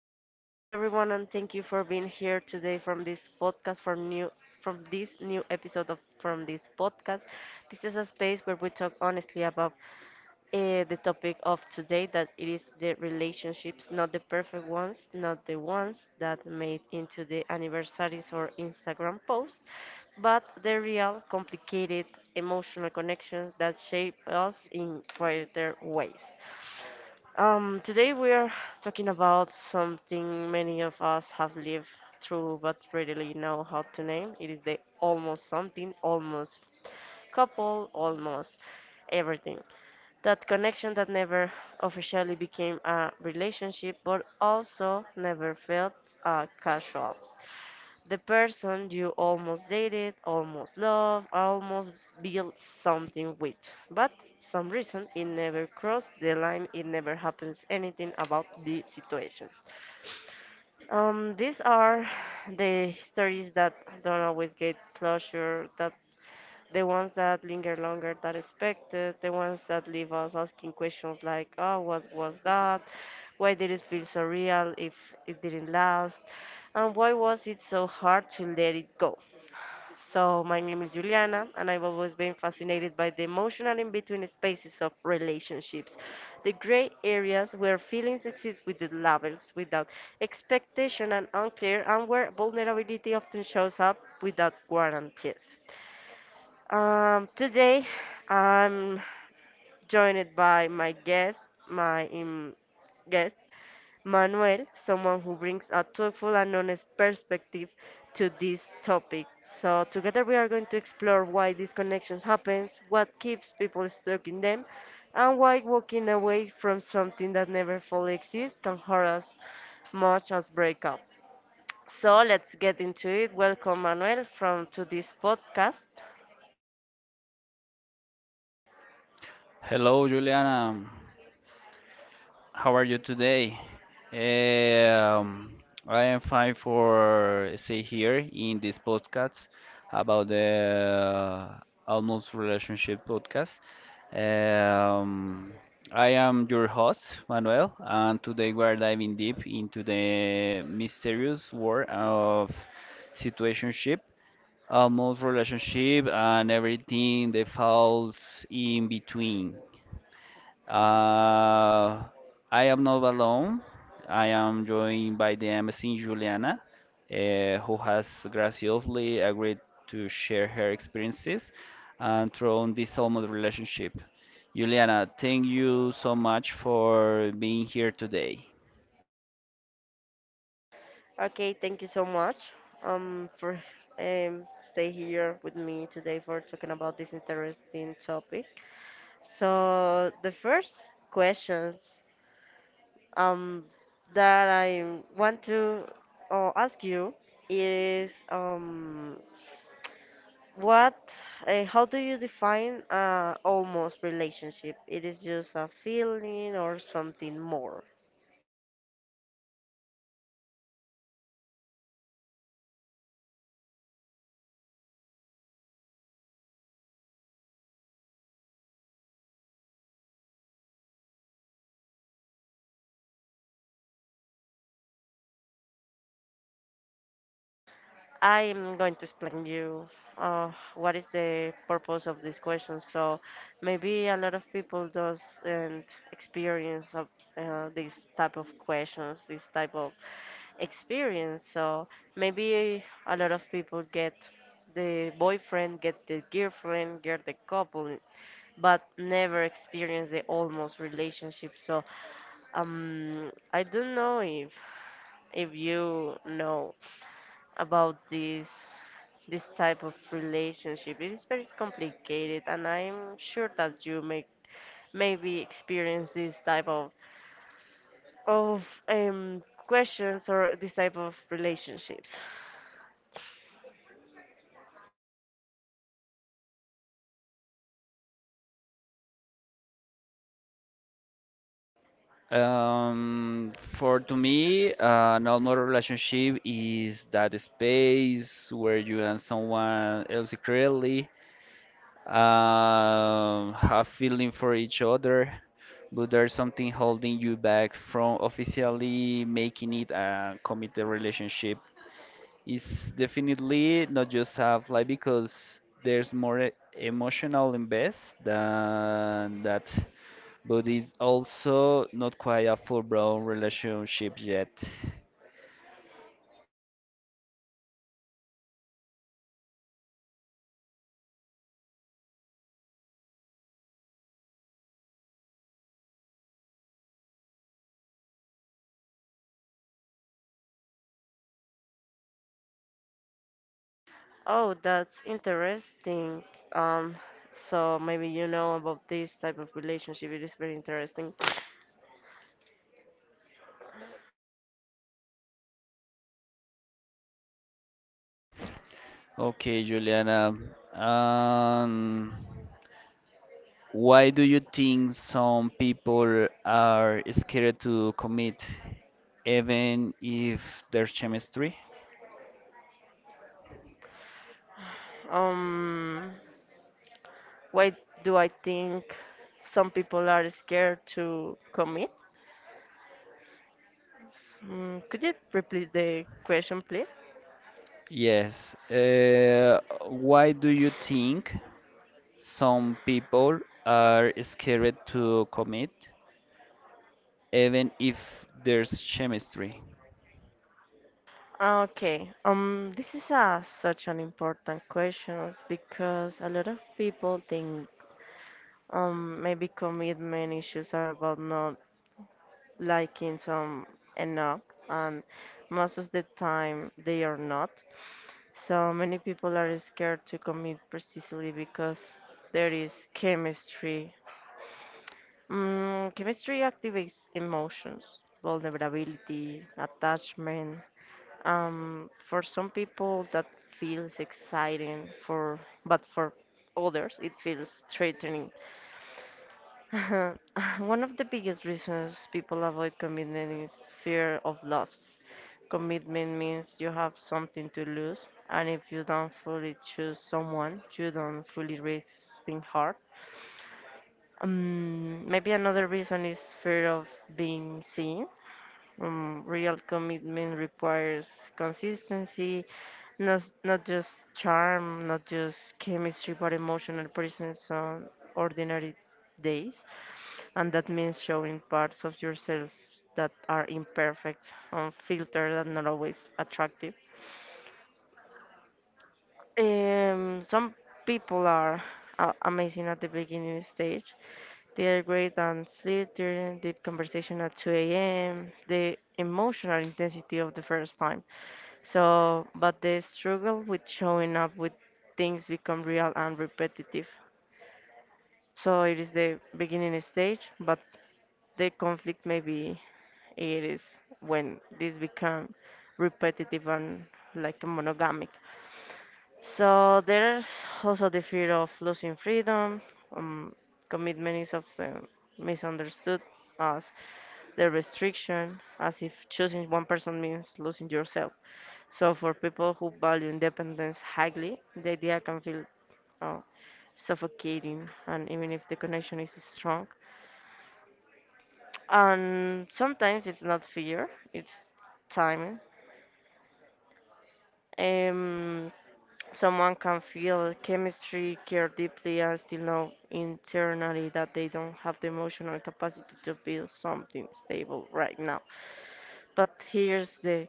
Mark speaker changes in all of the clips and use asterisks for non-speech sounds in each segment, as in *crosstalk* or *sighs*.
Speaker 1: Welcome everyone, and thank you for being here today from this podcast from this new episode of from this podcast. This is a space where we talk honestly about the topic of today that it is the relationships, not the perfect ones, not the ones that made into the anniversaries or Instagram posts, but the real, complicated, emotional connections that shape us in quieter ways. Today we are talking about something many of us have lived through but rarely know how to name. It is the almost something, almost couple, almost everything. That connection that never officially became a relationship but also never felt casual. The person you almost dated, almost loved, almost built something with. But some reason it never crossed the line, it never happens anything about the situation. These are *sighs* the stories that don't always get closure, that the ones that linger longer than expected, the ones that leave us asking questions like, oh, what was that? Why did it feel so real if it didn't last? And why was it so hard to let it go? So, my name is Juliana, and I've always been fascinated by the emotional in between spaces of relationships, the gray areas where feelings exist without labels, without expectation and unclear, and where vulnerability often shows up without guarantees. Today, I'm joined by my guest, my guest, Manuel, someone who brings a thoughtful and honest perspective to this topic. So together we are going to explore why these connections happen, what keeps people stuck in them, and why walking away from something that never fully exists can hurt us much as breakup. So let's get into it. Welcome Manuel from to this podcast.
Speaker 2: Hello, Juliana. How are you today? Um, I am fine for stay here in this podcast about the almost relationship podcast. Um, I am your host, Manuel, and today we are diving deep into the mysterious world of situationship, almost relationship, and everything that falls in between. Uh, I am not alone. I am joined by the amazing Juliana, who has graciously agreed to share her experiences and through this almost relationship. Juliana, thank you so much for being here today.
Speaker 1: Okay, thank you so much for um stay here with me today for talking about this interesting topic. So the first questions um, that I want to ask you is what, how do you define almost relationship? It is just a feeling or something more? I am going to explain you what is the purpose of this question. So maybe a lot of people doesn't experience of, this type of questions, this type of experience. So maybe a lot of people get the boyfriend, get the girlfriend, get the couple, but never experience the almost relationship. So I don't know if you know about this type of relationship. It is very complicated, and I'm sure that you maybe experience this type of questions or this type of relationships.
Speaker 2: Um, for to me, an normal relationship is that space where you and someone else secretly have feeling for each other, but there's something holding you back from officially making it a committed relationship. It's definitely not just have like because there's more emotional invest than that, but it's also not quite a full-blown relationship yet.
Speaker 1: Oh, that's interesting. Um, so maybe you know about this type of relationship. It is very interesting.
Speaker 2: Okay, Juliana. Um, Why do you think some people are scared to commit, even if there's chemistry?
Speaker 1: Um, why do I think some people are scared to commit? Mm, could you repeat the question, please?
Speaker 2: Yes. Why do you think some people are scared to commit, even if there's chemistry?
Speaker 1: Okay, this is a, such an important question because a lot of people think maybe commitment issues are about not liking some enough, and most of the time they are not. So many people are scared to commit precisely because there is chemistry. Mm, chemistry activates emotions, vulnerability, attachment. For some people, that feels exciting, for but for others, it feels threatening. *laughs* One of the biggest reasons people avoid commitment is fear of loss. Commitment means you have something to lose, and if you don't fully choose someone, you don't fully risk being hurt. Maybe another reason is fear of being seen. Real commitment requires consistency, not just charm, not just chemistry, but emotional presence on ordinary days. And that means showing parts of yourself that are imperfect, unfiltered, and not always attractive. Some people are amazing at the beginning stage. They are great on flirting, deep conversation at 2 a.m., the emotional intensity of the first time. So, but the struggle with showing up with things become real and repetitive. So it is the beginning stage, but the conflict maybe it is when this become repetitive and like monogamic. So there's also the fear of losing freedom. Um, Commitment is often misunderstood as the restriction, as if choosing one person means losing yourself. So for people who value independence highly, the idea can feel uh, suffocating, and even if the connection is strong, and sometimes it's not fear, it's timing. Um, Someone can feel chemistry, care deeply, and still know internally that they don't have the emotional capacity to build something stable right now. But here's the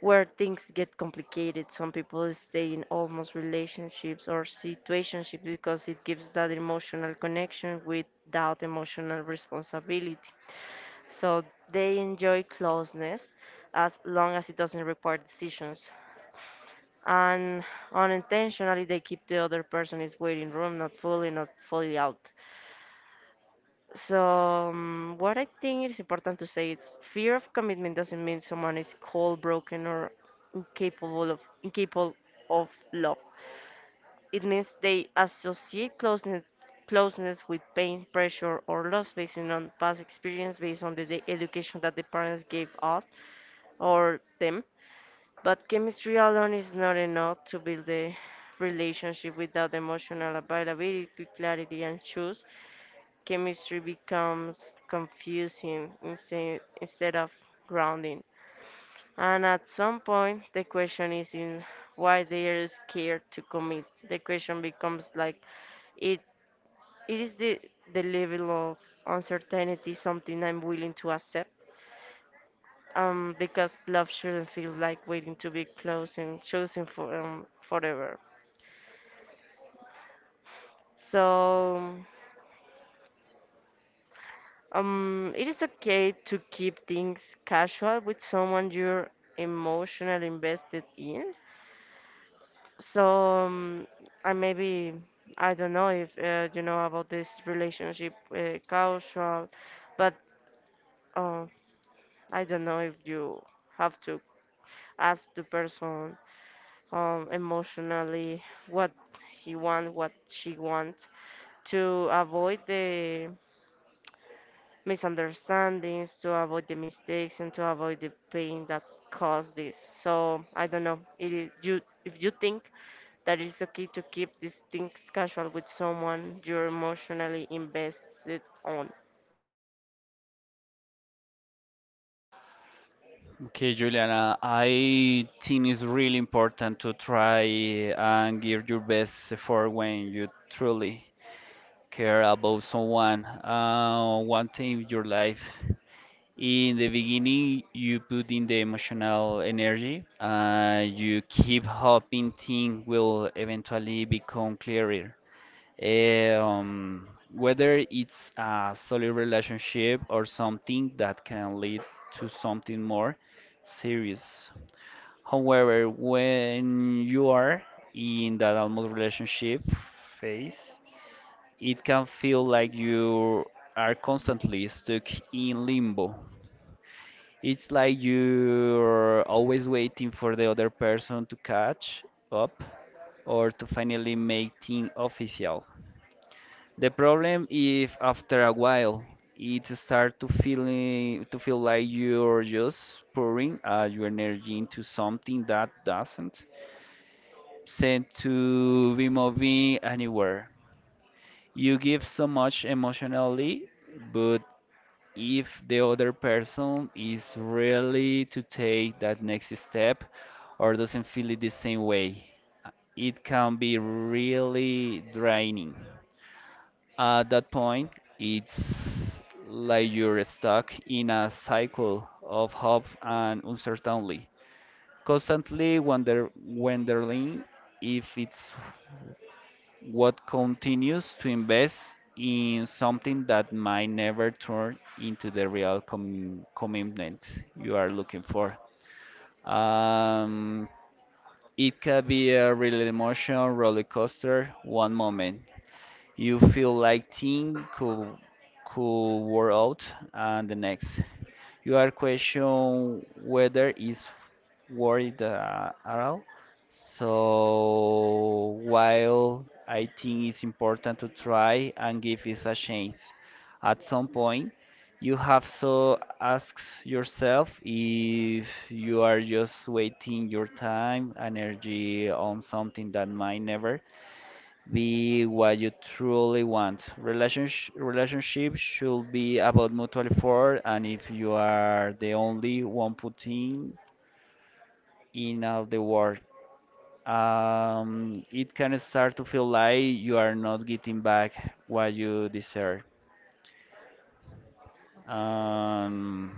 Speaker 1: where things get complicated. Some people stay in almost relationships or situationships because it gives that emotional connection without emotional responsibility. So they enjoy closeness as long as it doesn't require decisions and unintentionally they keep the other person is waiting room not fully not fully out. So what I think is important to say is fear of commitment doesn't mean someone is cold broken or incapable of love. It means they associate closeness with pain pressure or loss based on past experience, based on the education that the parents gave us or them. But chemistry alone is not enough to build a relationship without emotional availability, clarity, and choose. Chemistry becomes confusing instead of grounding. And at some point, the question is in why they are scared to commit. The question becomes like, it, it is the level of uncertainty something I'm willing to accept? Because love shouldn't feel like waiting to be close and chosen for forever. So it is okay to keep things casual with someone you're emotionally invested in. So um, I maybe I don't know if you know about this relationship casual, but uh, I don't know if you have to ask the person emotionally, what he want, what she want, to avoid the misunderstandings, to avoid the mistakes, and to avoid the pain that caused this. So I don't know. It is you if you think that it's okay to keep these things casual with someone you're emotionally invested on.
Speaker 2: Okay, Juliana, I think it's really important to try and give your best effort when you truly care about someone one thing in your life in the beginning you put in the emotional energy you keep hoping things will eventually become clearer, um, whether it's a solid relationship or something that can lead to something more serious. However, when you are in that almost relationship phase, it can feel like you are constantly stuck in limbo. It's like you're always waiting for the other person to catch up or to finally make things official. The problem is, after a while it starts to feel like you're just pouring your energy into something that doesn't seem to be moving anywhere. You give so much emotionally, but if the other person is really to take that next step or doesn't feel it the same way. It can be really draining. At that point, it's like you're stuck in a cycle of hope and uncertainty, constantly wondering if it's what continues to invest in something that might never turn into the real commitment you are looking for. Um, it can be a real emotional roller coaster. One moment you feel like things could wear out, and the next you are questioning whether it's worried at all. So while I think it's important to try and give it a chance, at some point you have to ask yourself if you are just waiting your time, energy on something that might never be what you truly want. Relationship should be about mutual effort, and if you are the only one putting in all the work, it can start to feel like you are not getting back what you deserve. Um,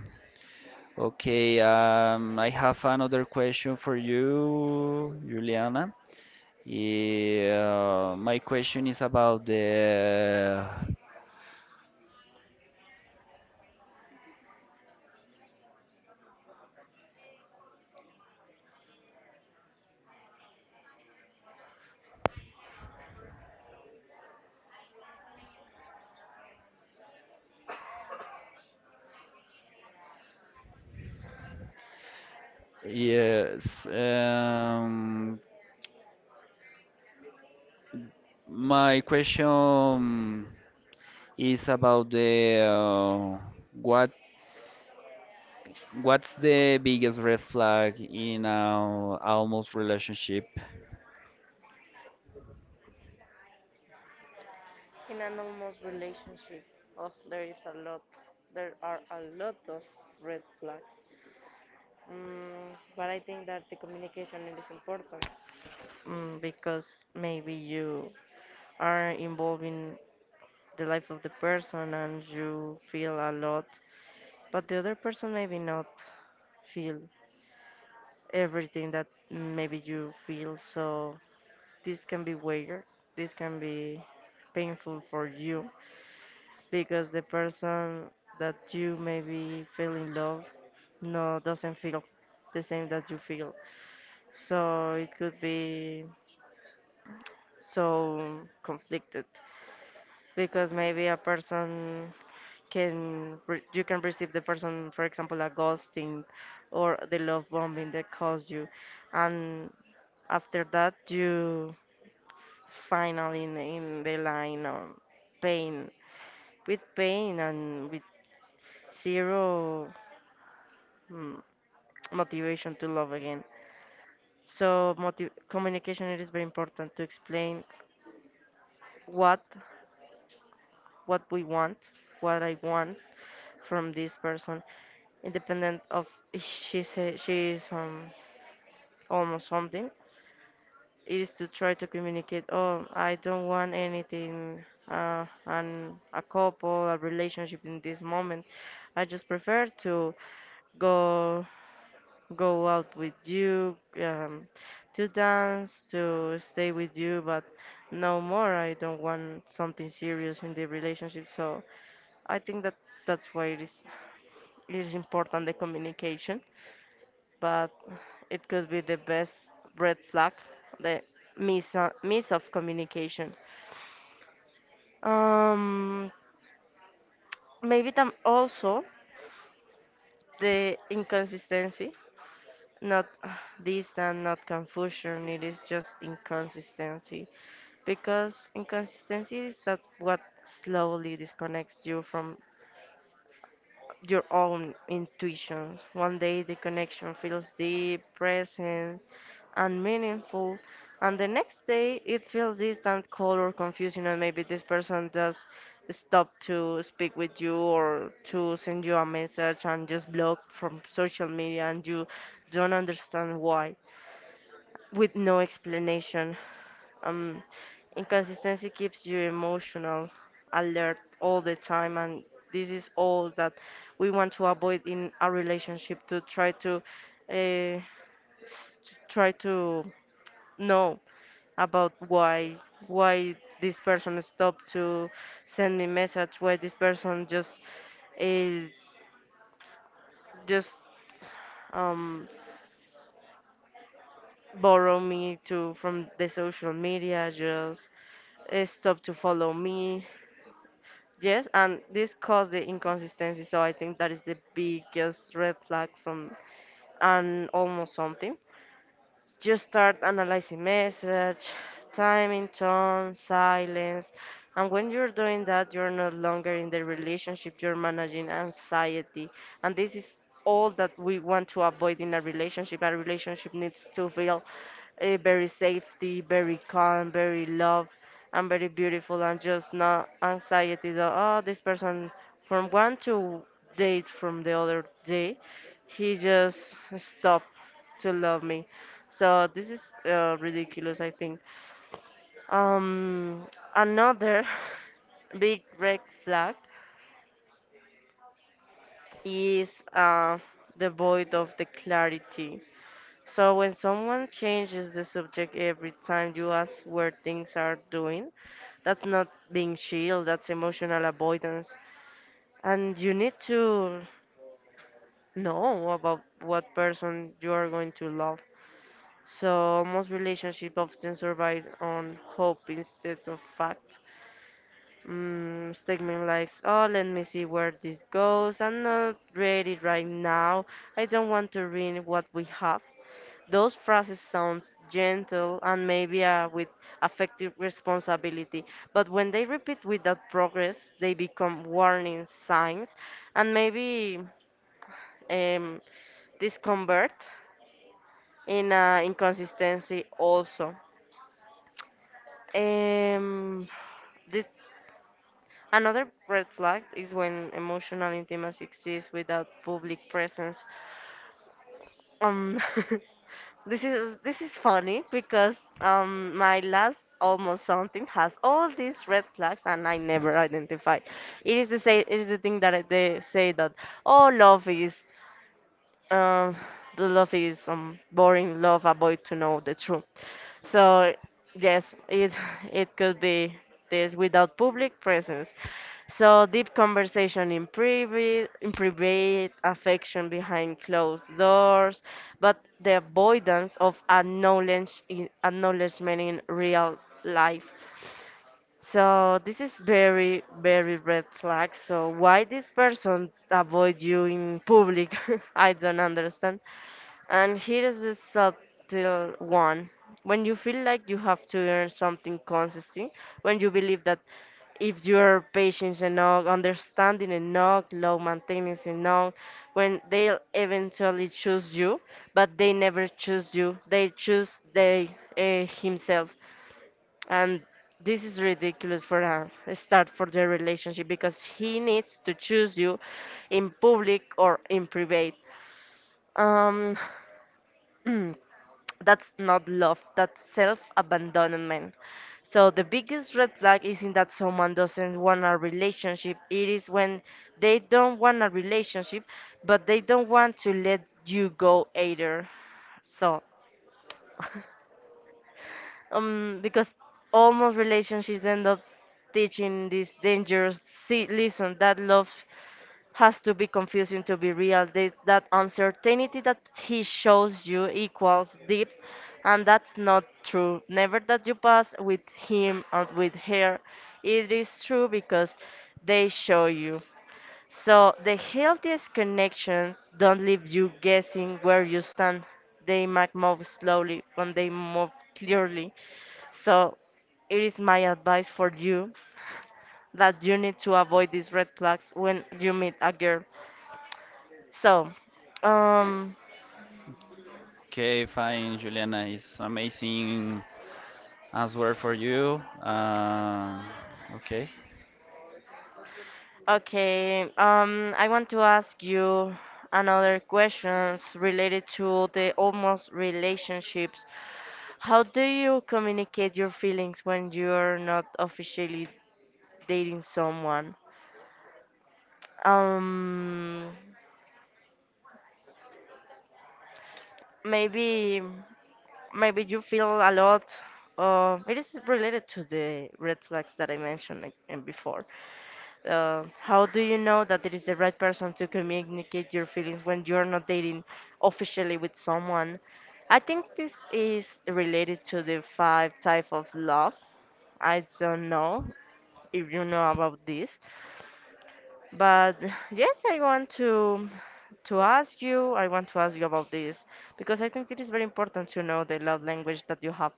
Speaker 2: okay, I have another question for you, Juliana. Yeah, my question is about the yes. My question is about the what What's the biggest red flag in our almost relationship?
Speaker 1: In an almost relationship, oh, there is a lot. There are a lot of red flags. Mm, but I think that the communication is important. Mm, because maybe you are involved in the life of the person and you feel a lot, but the other person maybe not feel everything that maybe you feel. So this can be weird. This can be painful for you because the person that you maybe feel in love no doesn't feel the same that you feel. So it could be so conflicted because maybe a person can you can receive the person for example a ghosting or the love bombing that caused you, and after that you finally in the line of pain, with pain and with zero mm, motivation to love again. So communication it is very important to explain what what we want, what I want from this person, independent of if she say she is almost something. It is to try to communicate. Oh, I don't want anything, and a couple, a relationship in this moment. I just prefer to go go out with you um, to dance to stay with you but no more. I don't want something serious in the relationship. So I think that that's why it is important the communication, but it could be the best red flag, the miss miss of communication. Um, Maybe tam also the inconsistency, not distant, not confusion. It is just inconsistency because inconsistency is that what slowly disconnects you from your own intuitions. One day the connection feels deep, present, and meaningful, and the next day it feels distant, cold, or confusing, and maybe this person just stopped to speak with you or to send you a message and just block from social media, and you don't understand why, with no explanation. Um, Inconsistency keeps you emotional, alert all the time, and this is all that we want to avoid in a relationship to try to, uh, s- to try to know about why this person stopped to send me message, why this person uh, just um, borrow me to from the social media, just stop to follow me. Yes, and this caused the inconsistency. So I think that is the biggest red flag from and almost something. Just start analyzing message, timing, tone, silence. And when you're doing that, you're no longer in the relationship, you're managing anxiety. And this is all that we want to avoid in a relationship. A relationship needs to feel very safety, very calm, very love, and very beautiful, and just not anxiety that, oh, this person from one to date from the other day, he just stopped to love me. So this is ridiculous, I think. Um, Another *laughs* big red flag is uh, the void of the clarity. So when someone changes the subject every time you ask where things are doing, that's not being chill, that's emotional avoidance. And you need to know about what person you are going to love. So most relationships often survive on hope instead of fact. Statement like, oh, let me see where this goes. I'm not ready right now. I don't want to ruin what we have. Those phrases sound gentle and maybe with affective responsibility, but when they repeat without progress, they become warning signs and maybe um, discomfort in inconsistency also. Um, this another red flag is when emotional intimacy exists without public presence. Um, *laughs* this is funny because my last almost something has all these red flags and I never identify. It is the say it is the thing that they say that oh love is Um, the love is boring love. Avoid to know the truth. So yes, it *laughs* it could be this without public presence. So deep conversation in private affection behind closed doors, but the avoidance of acknowledge, acknowledgement in real life. So this is very, very red flag. So why this person avoid you in public? *laughs* I don't understand. And here is the subtle one. When you feel like you have to earn something consistent, when you believe that if you're patient enough, understanding enough, low maintenance enough, when they'll eventually choose you, but they never choose you. They choose they himself, and this is ridiculous for a start for their relationship because he needs to choose you in public or in private. um *clears throat* that's not love, that's self-abandonment. So the biggest red flag isn't that someone doesn't want a relationship, it is when they don't want a relationship but they don't want to let you go either. So because almost relationships end up teaching this dangerous, see, listen, that love has to be confusing to be real. That uncertainty that he shows you equals deep, and that's not true. Never that you pass with him or with her. It is true because they show you. So the healthiest connection don't leave you guessing where you stand. They might move slowly when they move clearly. So it is my advice for you that you need to avoid these red flags when you meet a girl. So, um,
Speaker 2: Okay, fine, Juliana. It's amazing answer for you. Okay.
Speaker 1: okay, I want to ask you another questions related to the almost relationships. How do you communicate your feelings when you're not officially dating someone. Um, maybe maybe you feel a lot. It is related to the red flags that I mentioned like, before. How do you know that it is the right person to communicate your feelings when you are not dating officially with someone? I think this is related to the five type of love. I don't know if you know about this, but yes, I want to ask you, I want to ask you about this because I think it is very important to know the love language that you have.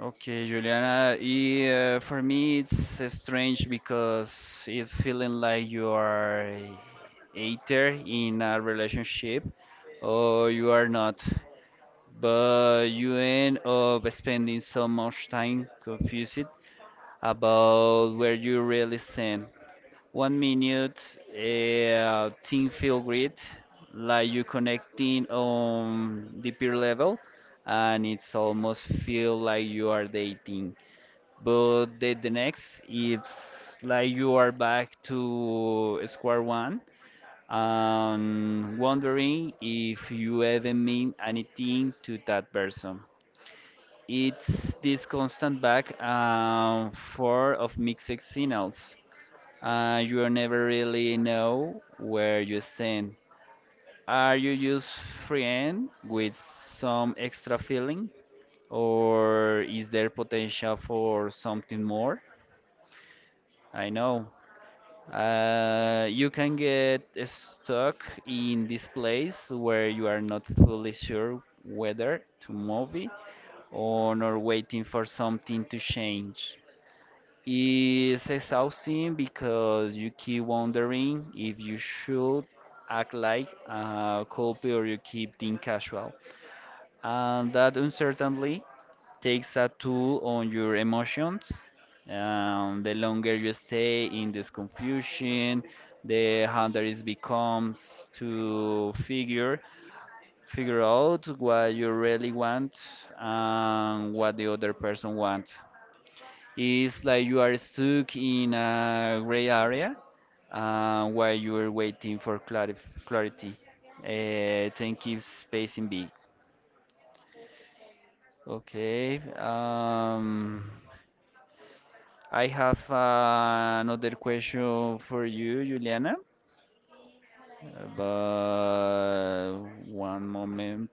Speaker 2: Okay, Juliana. Yeah, for me, it's strange because it's feeling like you are either in a relationship or you are not. But you end up spending so much time confused about where you really stand. One minute, team feel great, like you connecting on the peer level, and it's almost feel like you are dating. But the next, it's like you are back to square one, and wondering if you ever mean anything to that person. It's this constant back and forth of mixed signals. You never really know where you stand. Are you just friend with some extra feeling, or is there potential for something more? I know. You can get stuck in this place where you are not fully sure whether to move it or not, waiting for something to change. It's exhausting because you keep wondering if you should act like a culprit or you keep being casual. And that uncertainty takes a toll on your emotions. The longer you stay in this confusion, the harder it becomes to figure out what you really want and what the other person wants. It's like you are stuck in a gray area, while you are waiting for clarif clarity. 10 keeps spacing big. Okay. I have another question for you, Juliana, but one moment.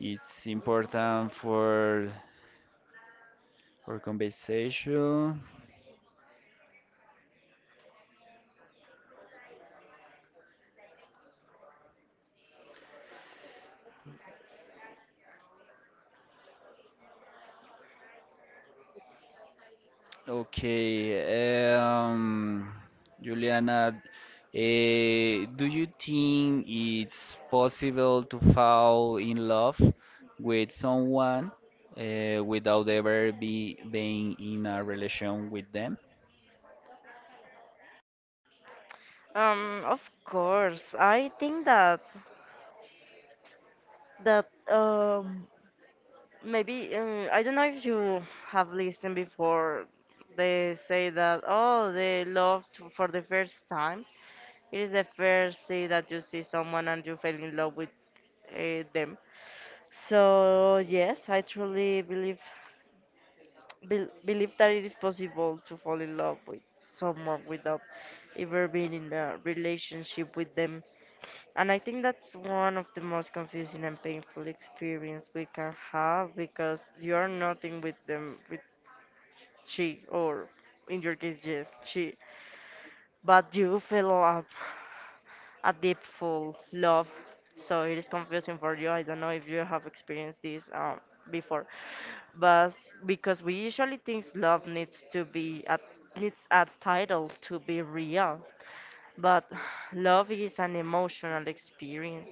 Speaker 2: It's important for conversation. Okay, um, Juliana, do you think it's possible to fall in love with someone, eh, without ever be being in a relation with them?
Speaker 1: Of course, I think that that maybe I don't know if you have listened before. They say that oh, they loved for the first time. It is the first see that you see someone and you fell in love with them. So yes, I truly believe believe that it is possible to fall in love with someone without ever being in a relationship with them. And I think that's one of the most confusing and painful experience we can have because you're nothing with them, with she or in your case, yes, she. But you fell up a deep full love, so it is confusing for you. I don't know if you have experienced this before, but because we usually think love needs to needs a title to be real, but *sighs* love is an emotional experience.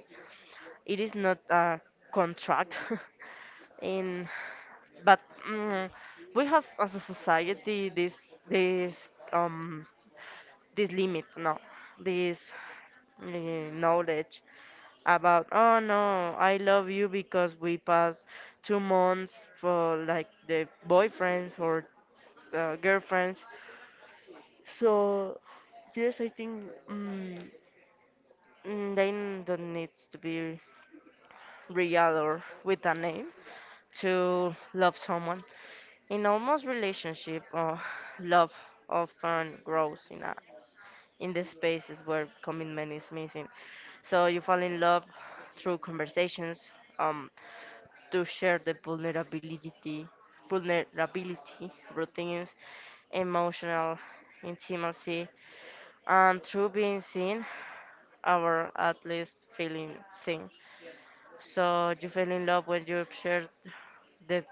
Speaker 1: It is not a contract. *laughs* in but mm, we have as a society this um this limit, no, this knowledge about, oh no, I love you because we passed 2 months for like the boyfriends or girlfriends. So, yes, I think mm, they don't need to be real or with a name to love someone. In almost relationship, love often grows in the spaces where commitment is missing. So you fall in love through conversations, um, to share the vulnerability, vulnerability, routines, emotional intimacy, and through being seen, or at least feeling seen. So you fell in love when you shared the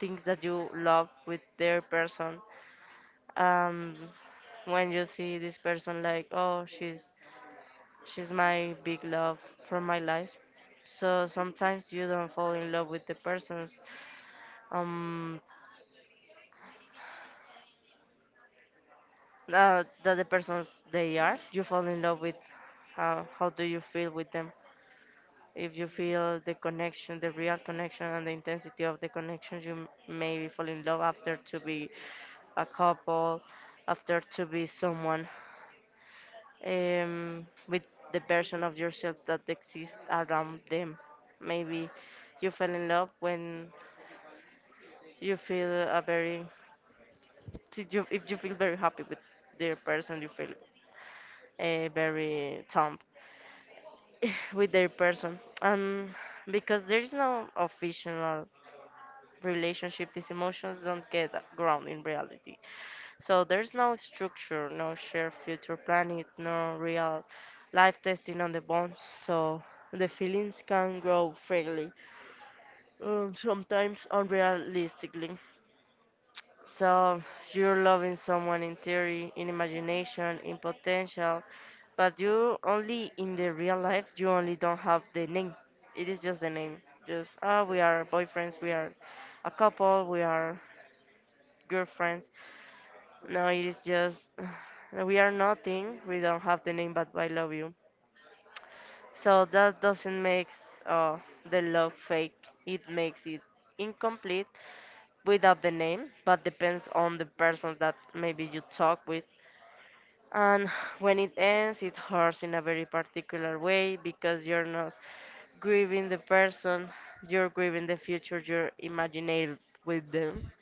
Speaker 1: things that you love with their person. Um, when you see this person, like, oh, she's my big love for my life. So sometimes you don't fall in love with the persons um that the persons they are. You fall in love with how do you feel with them. If you feel the connection, the real connection and the intensity of the connection, you maybe fall in love after to be a couple, after to be someone with the version of yourself that exists around them. Maybe you fell in love when you feel a very if you feel very happy with their person, you feel very thumb *laughs* *sighs* with their person. And because there is no official relationship, these emotions don't get ground in reality. So there's no structure, no shared future planning, no real life testing on the bonds. So the feelings can grow freely, sometimes unrealistically. So you're loving someone in theory, in imagination, in potential, but you only in the real life you only don't have the name. It is just the name. Just ah, we are boyfriends, we are a couple, we are girlfriends. No, it is just *sighs* we are nothing. We don't have the name, but I love you. So that doesn't make uh, the love fake. It makes it incomplete without the name, but depends on the person that maybe you talk with. And *sighs* when it ends, it hurts in a very particular way because you're not grieving the person, you're grieving the future you're imagining with them.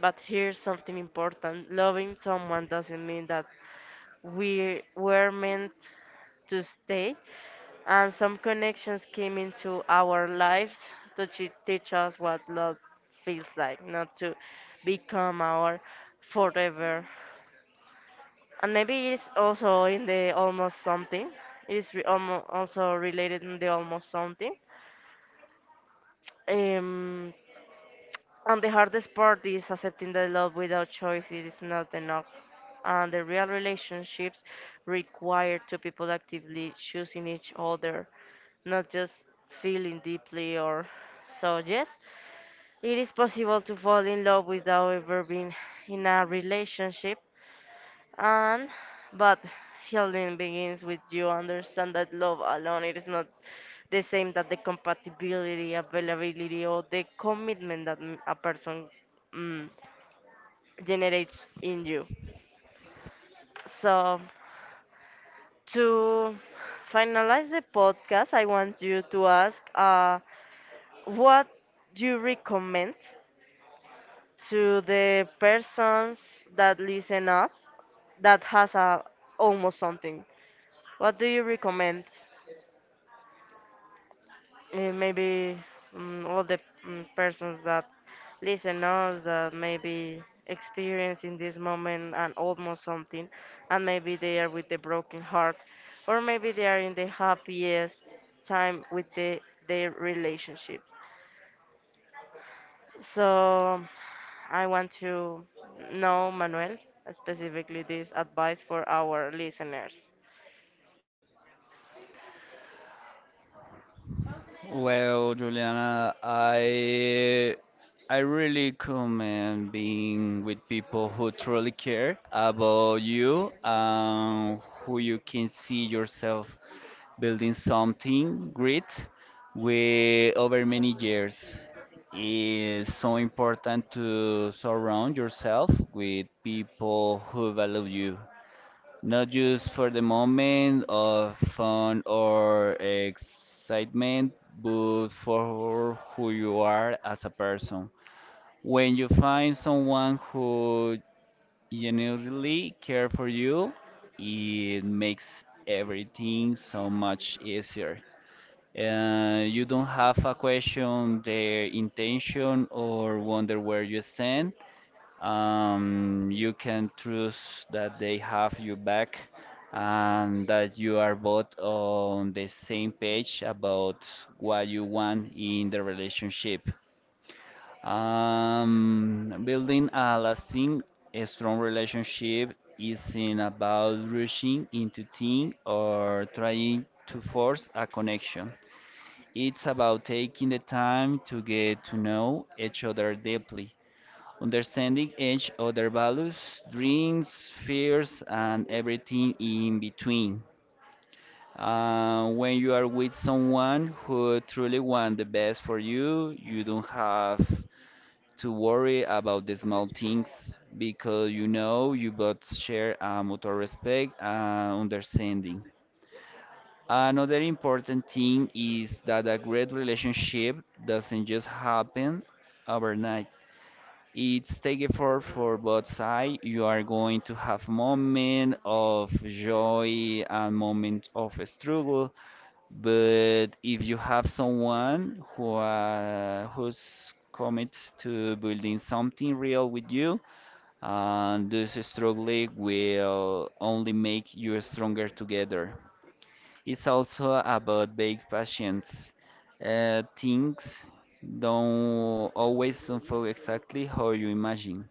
Speaker 1: But here's something important, loving someone doesn't mean that we were meant to stay, and some connections came into our lives to teach us what love feels like, not to become our forever. And maybe it's also in the almost something. It is also related in the almost something. Um, and the hardest part is accepting that love without choice it is not enough. And the real relationships require two people actively choosing each other, not just feeling deeply or so. Yes, it is possible to fall in love without ever being in a relationship. And but healing begins with you understand that love alone it is not the same that the compatibility, availability, or the commitment that a person mm, generates in you. So to finalize the podcast, I want you to ask what do you recommend to the persons that listen us that has a almost something. What do you recommend? Eh, maybe all the persons that listen us that maybe experience in this moment and almost something, and maybe they are with the broken heart or maybe they are in the happiest time with the, their relationship. So I want to know, Manuel, specifically this advice for our listeners.
Speaker 2: Well, Juliana, I really commend being with people who truly care about you, who you can see yourself building something great with over many years. It's so important to surround yourself with people who value you not just for the moment of fun or excitement, but for who you are as a person. When you find someone who genuinely care for you, it makes everything so much easier. You don't have a question their intention or wonder where you stand. You can trust that they have your back and that you are both on the same page about what you want in the relationship. Building a lasting, a strong relationship isn't about rushing into things or trying to force a connection. It's about taking the time to get to know each other deeply, understanding each other values, dreams, fears, and everything in between. When you are with someone who truly wants the best for you, you don't have to worry about the small things because you know you both share a mutual respect and understanding. Another important thing is that a great relationship doesn't just happen overnight. It's take effort for both sides. You are going to have moment of joy and moment of struggle. But if you have someone who's commit to building something real with you, and this struggle will only make you stronger together. It's also about big patience. Things don't always unfold exactly how you imagine.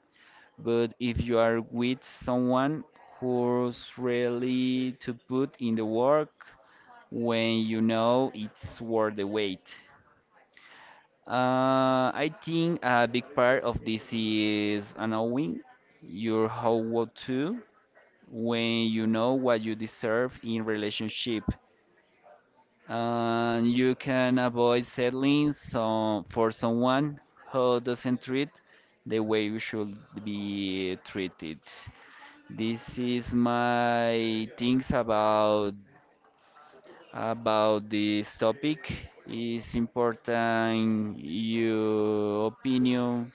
Speaker 2: But if you are with someone who's really to put in the work when you know it's worth the wait. I think a big part of this is knowing your how what to when you know what you deserve in relationship. And you can avoid settling some for someone who doesn't treat the way you should be treated. This is my things about this topic. It's important your opinion.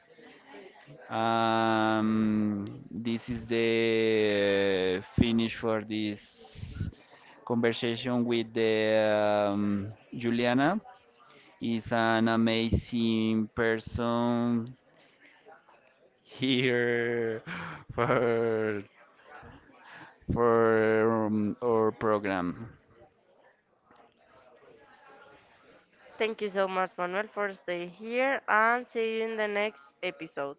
Speaker 2: This is the finish for this conversation with the Juliana. Is an amazing person here *laughs* for our program.
Speaker 1: Thank you so much, Manuel, for staying here, and see you in the next episode.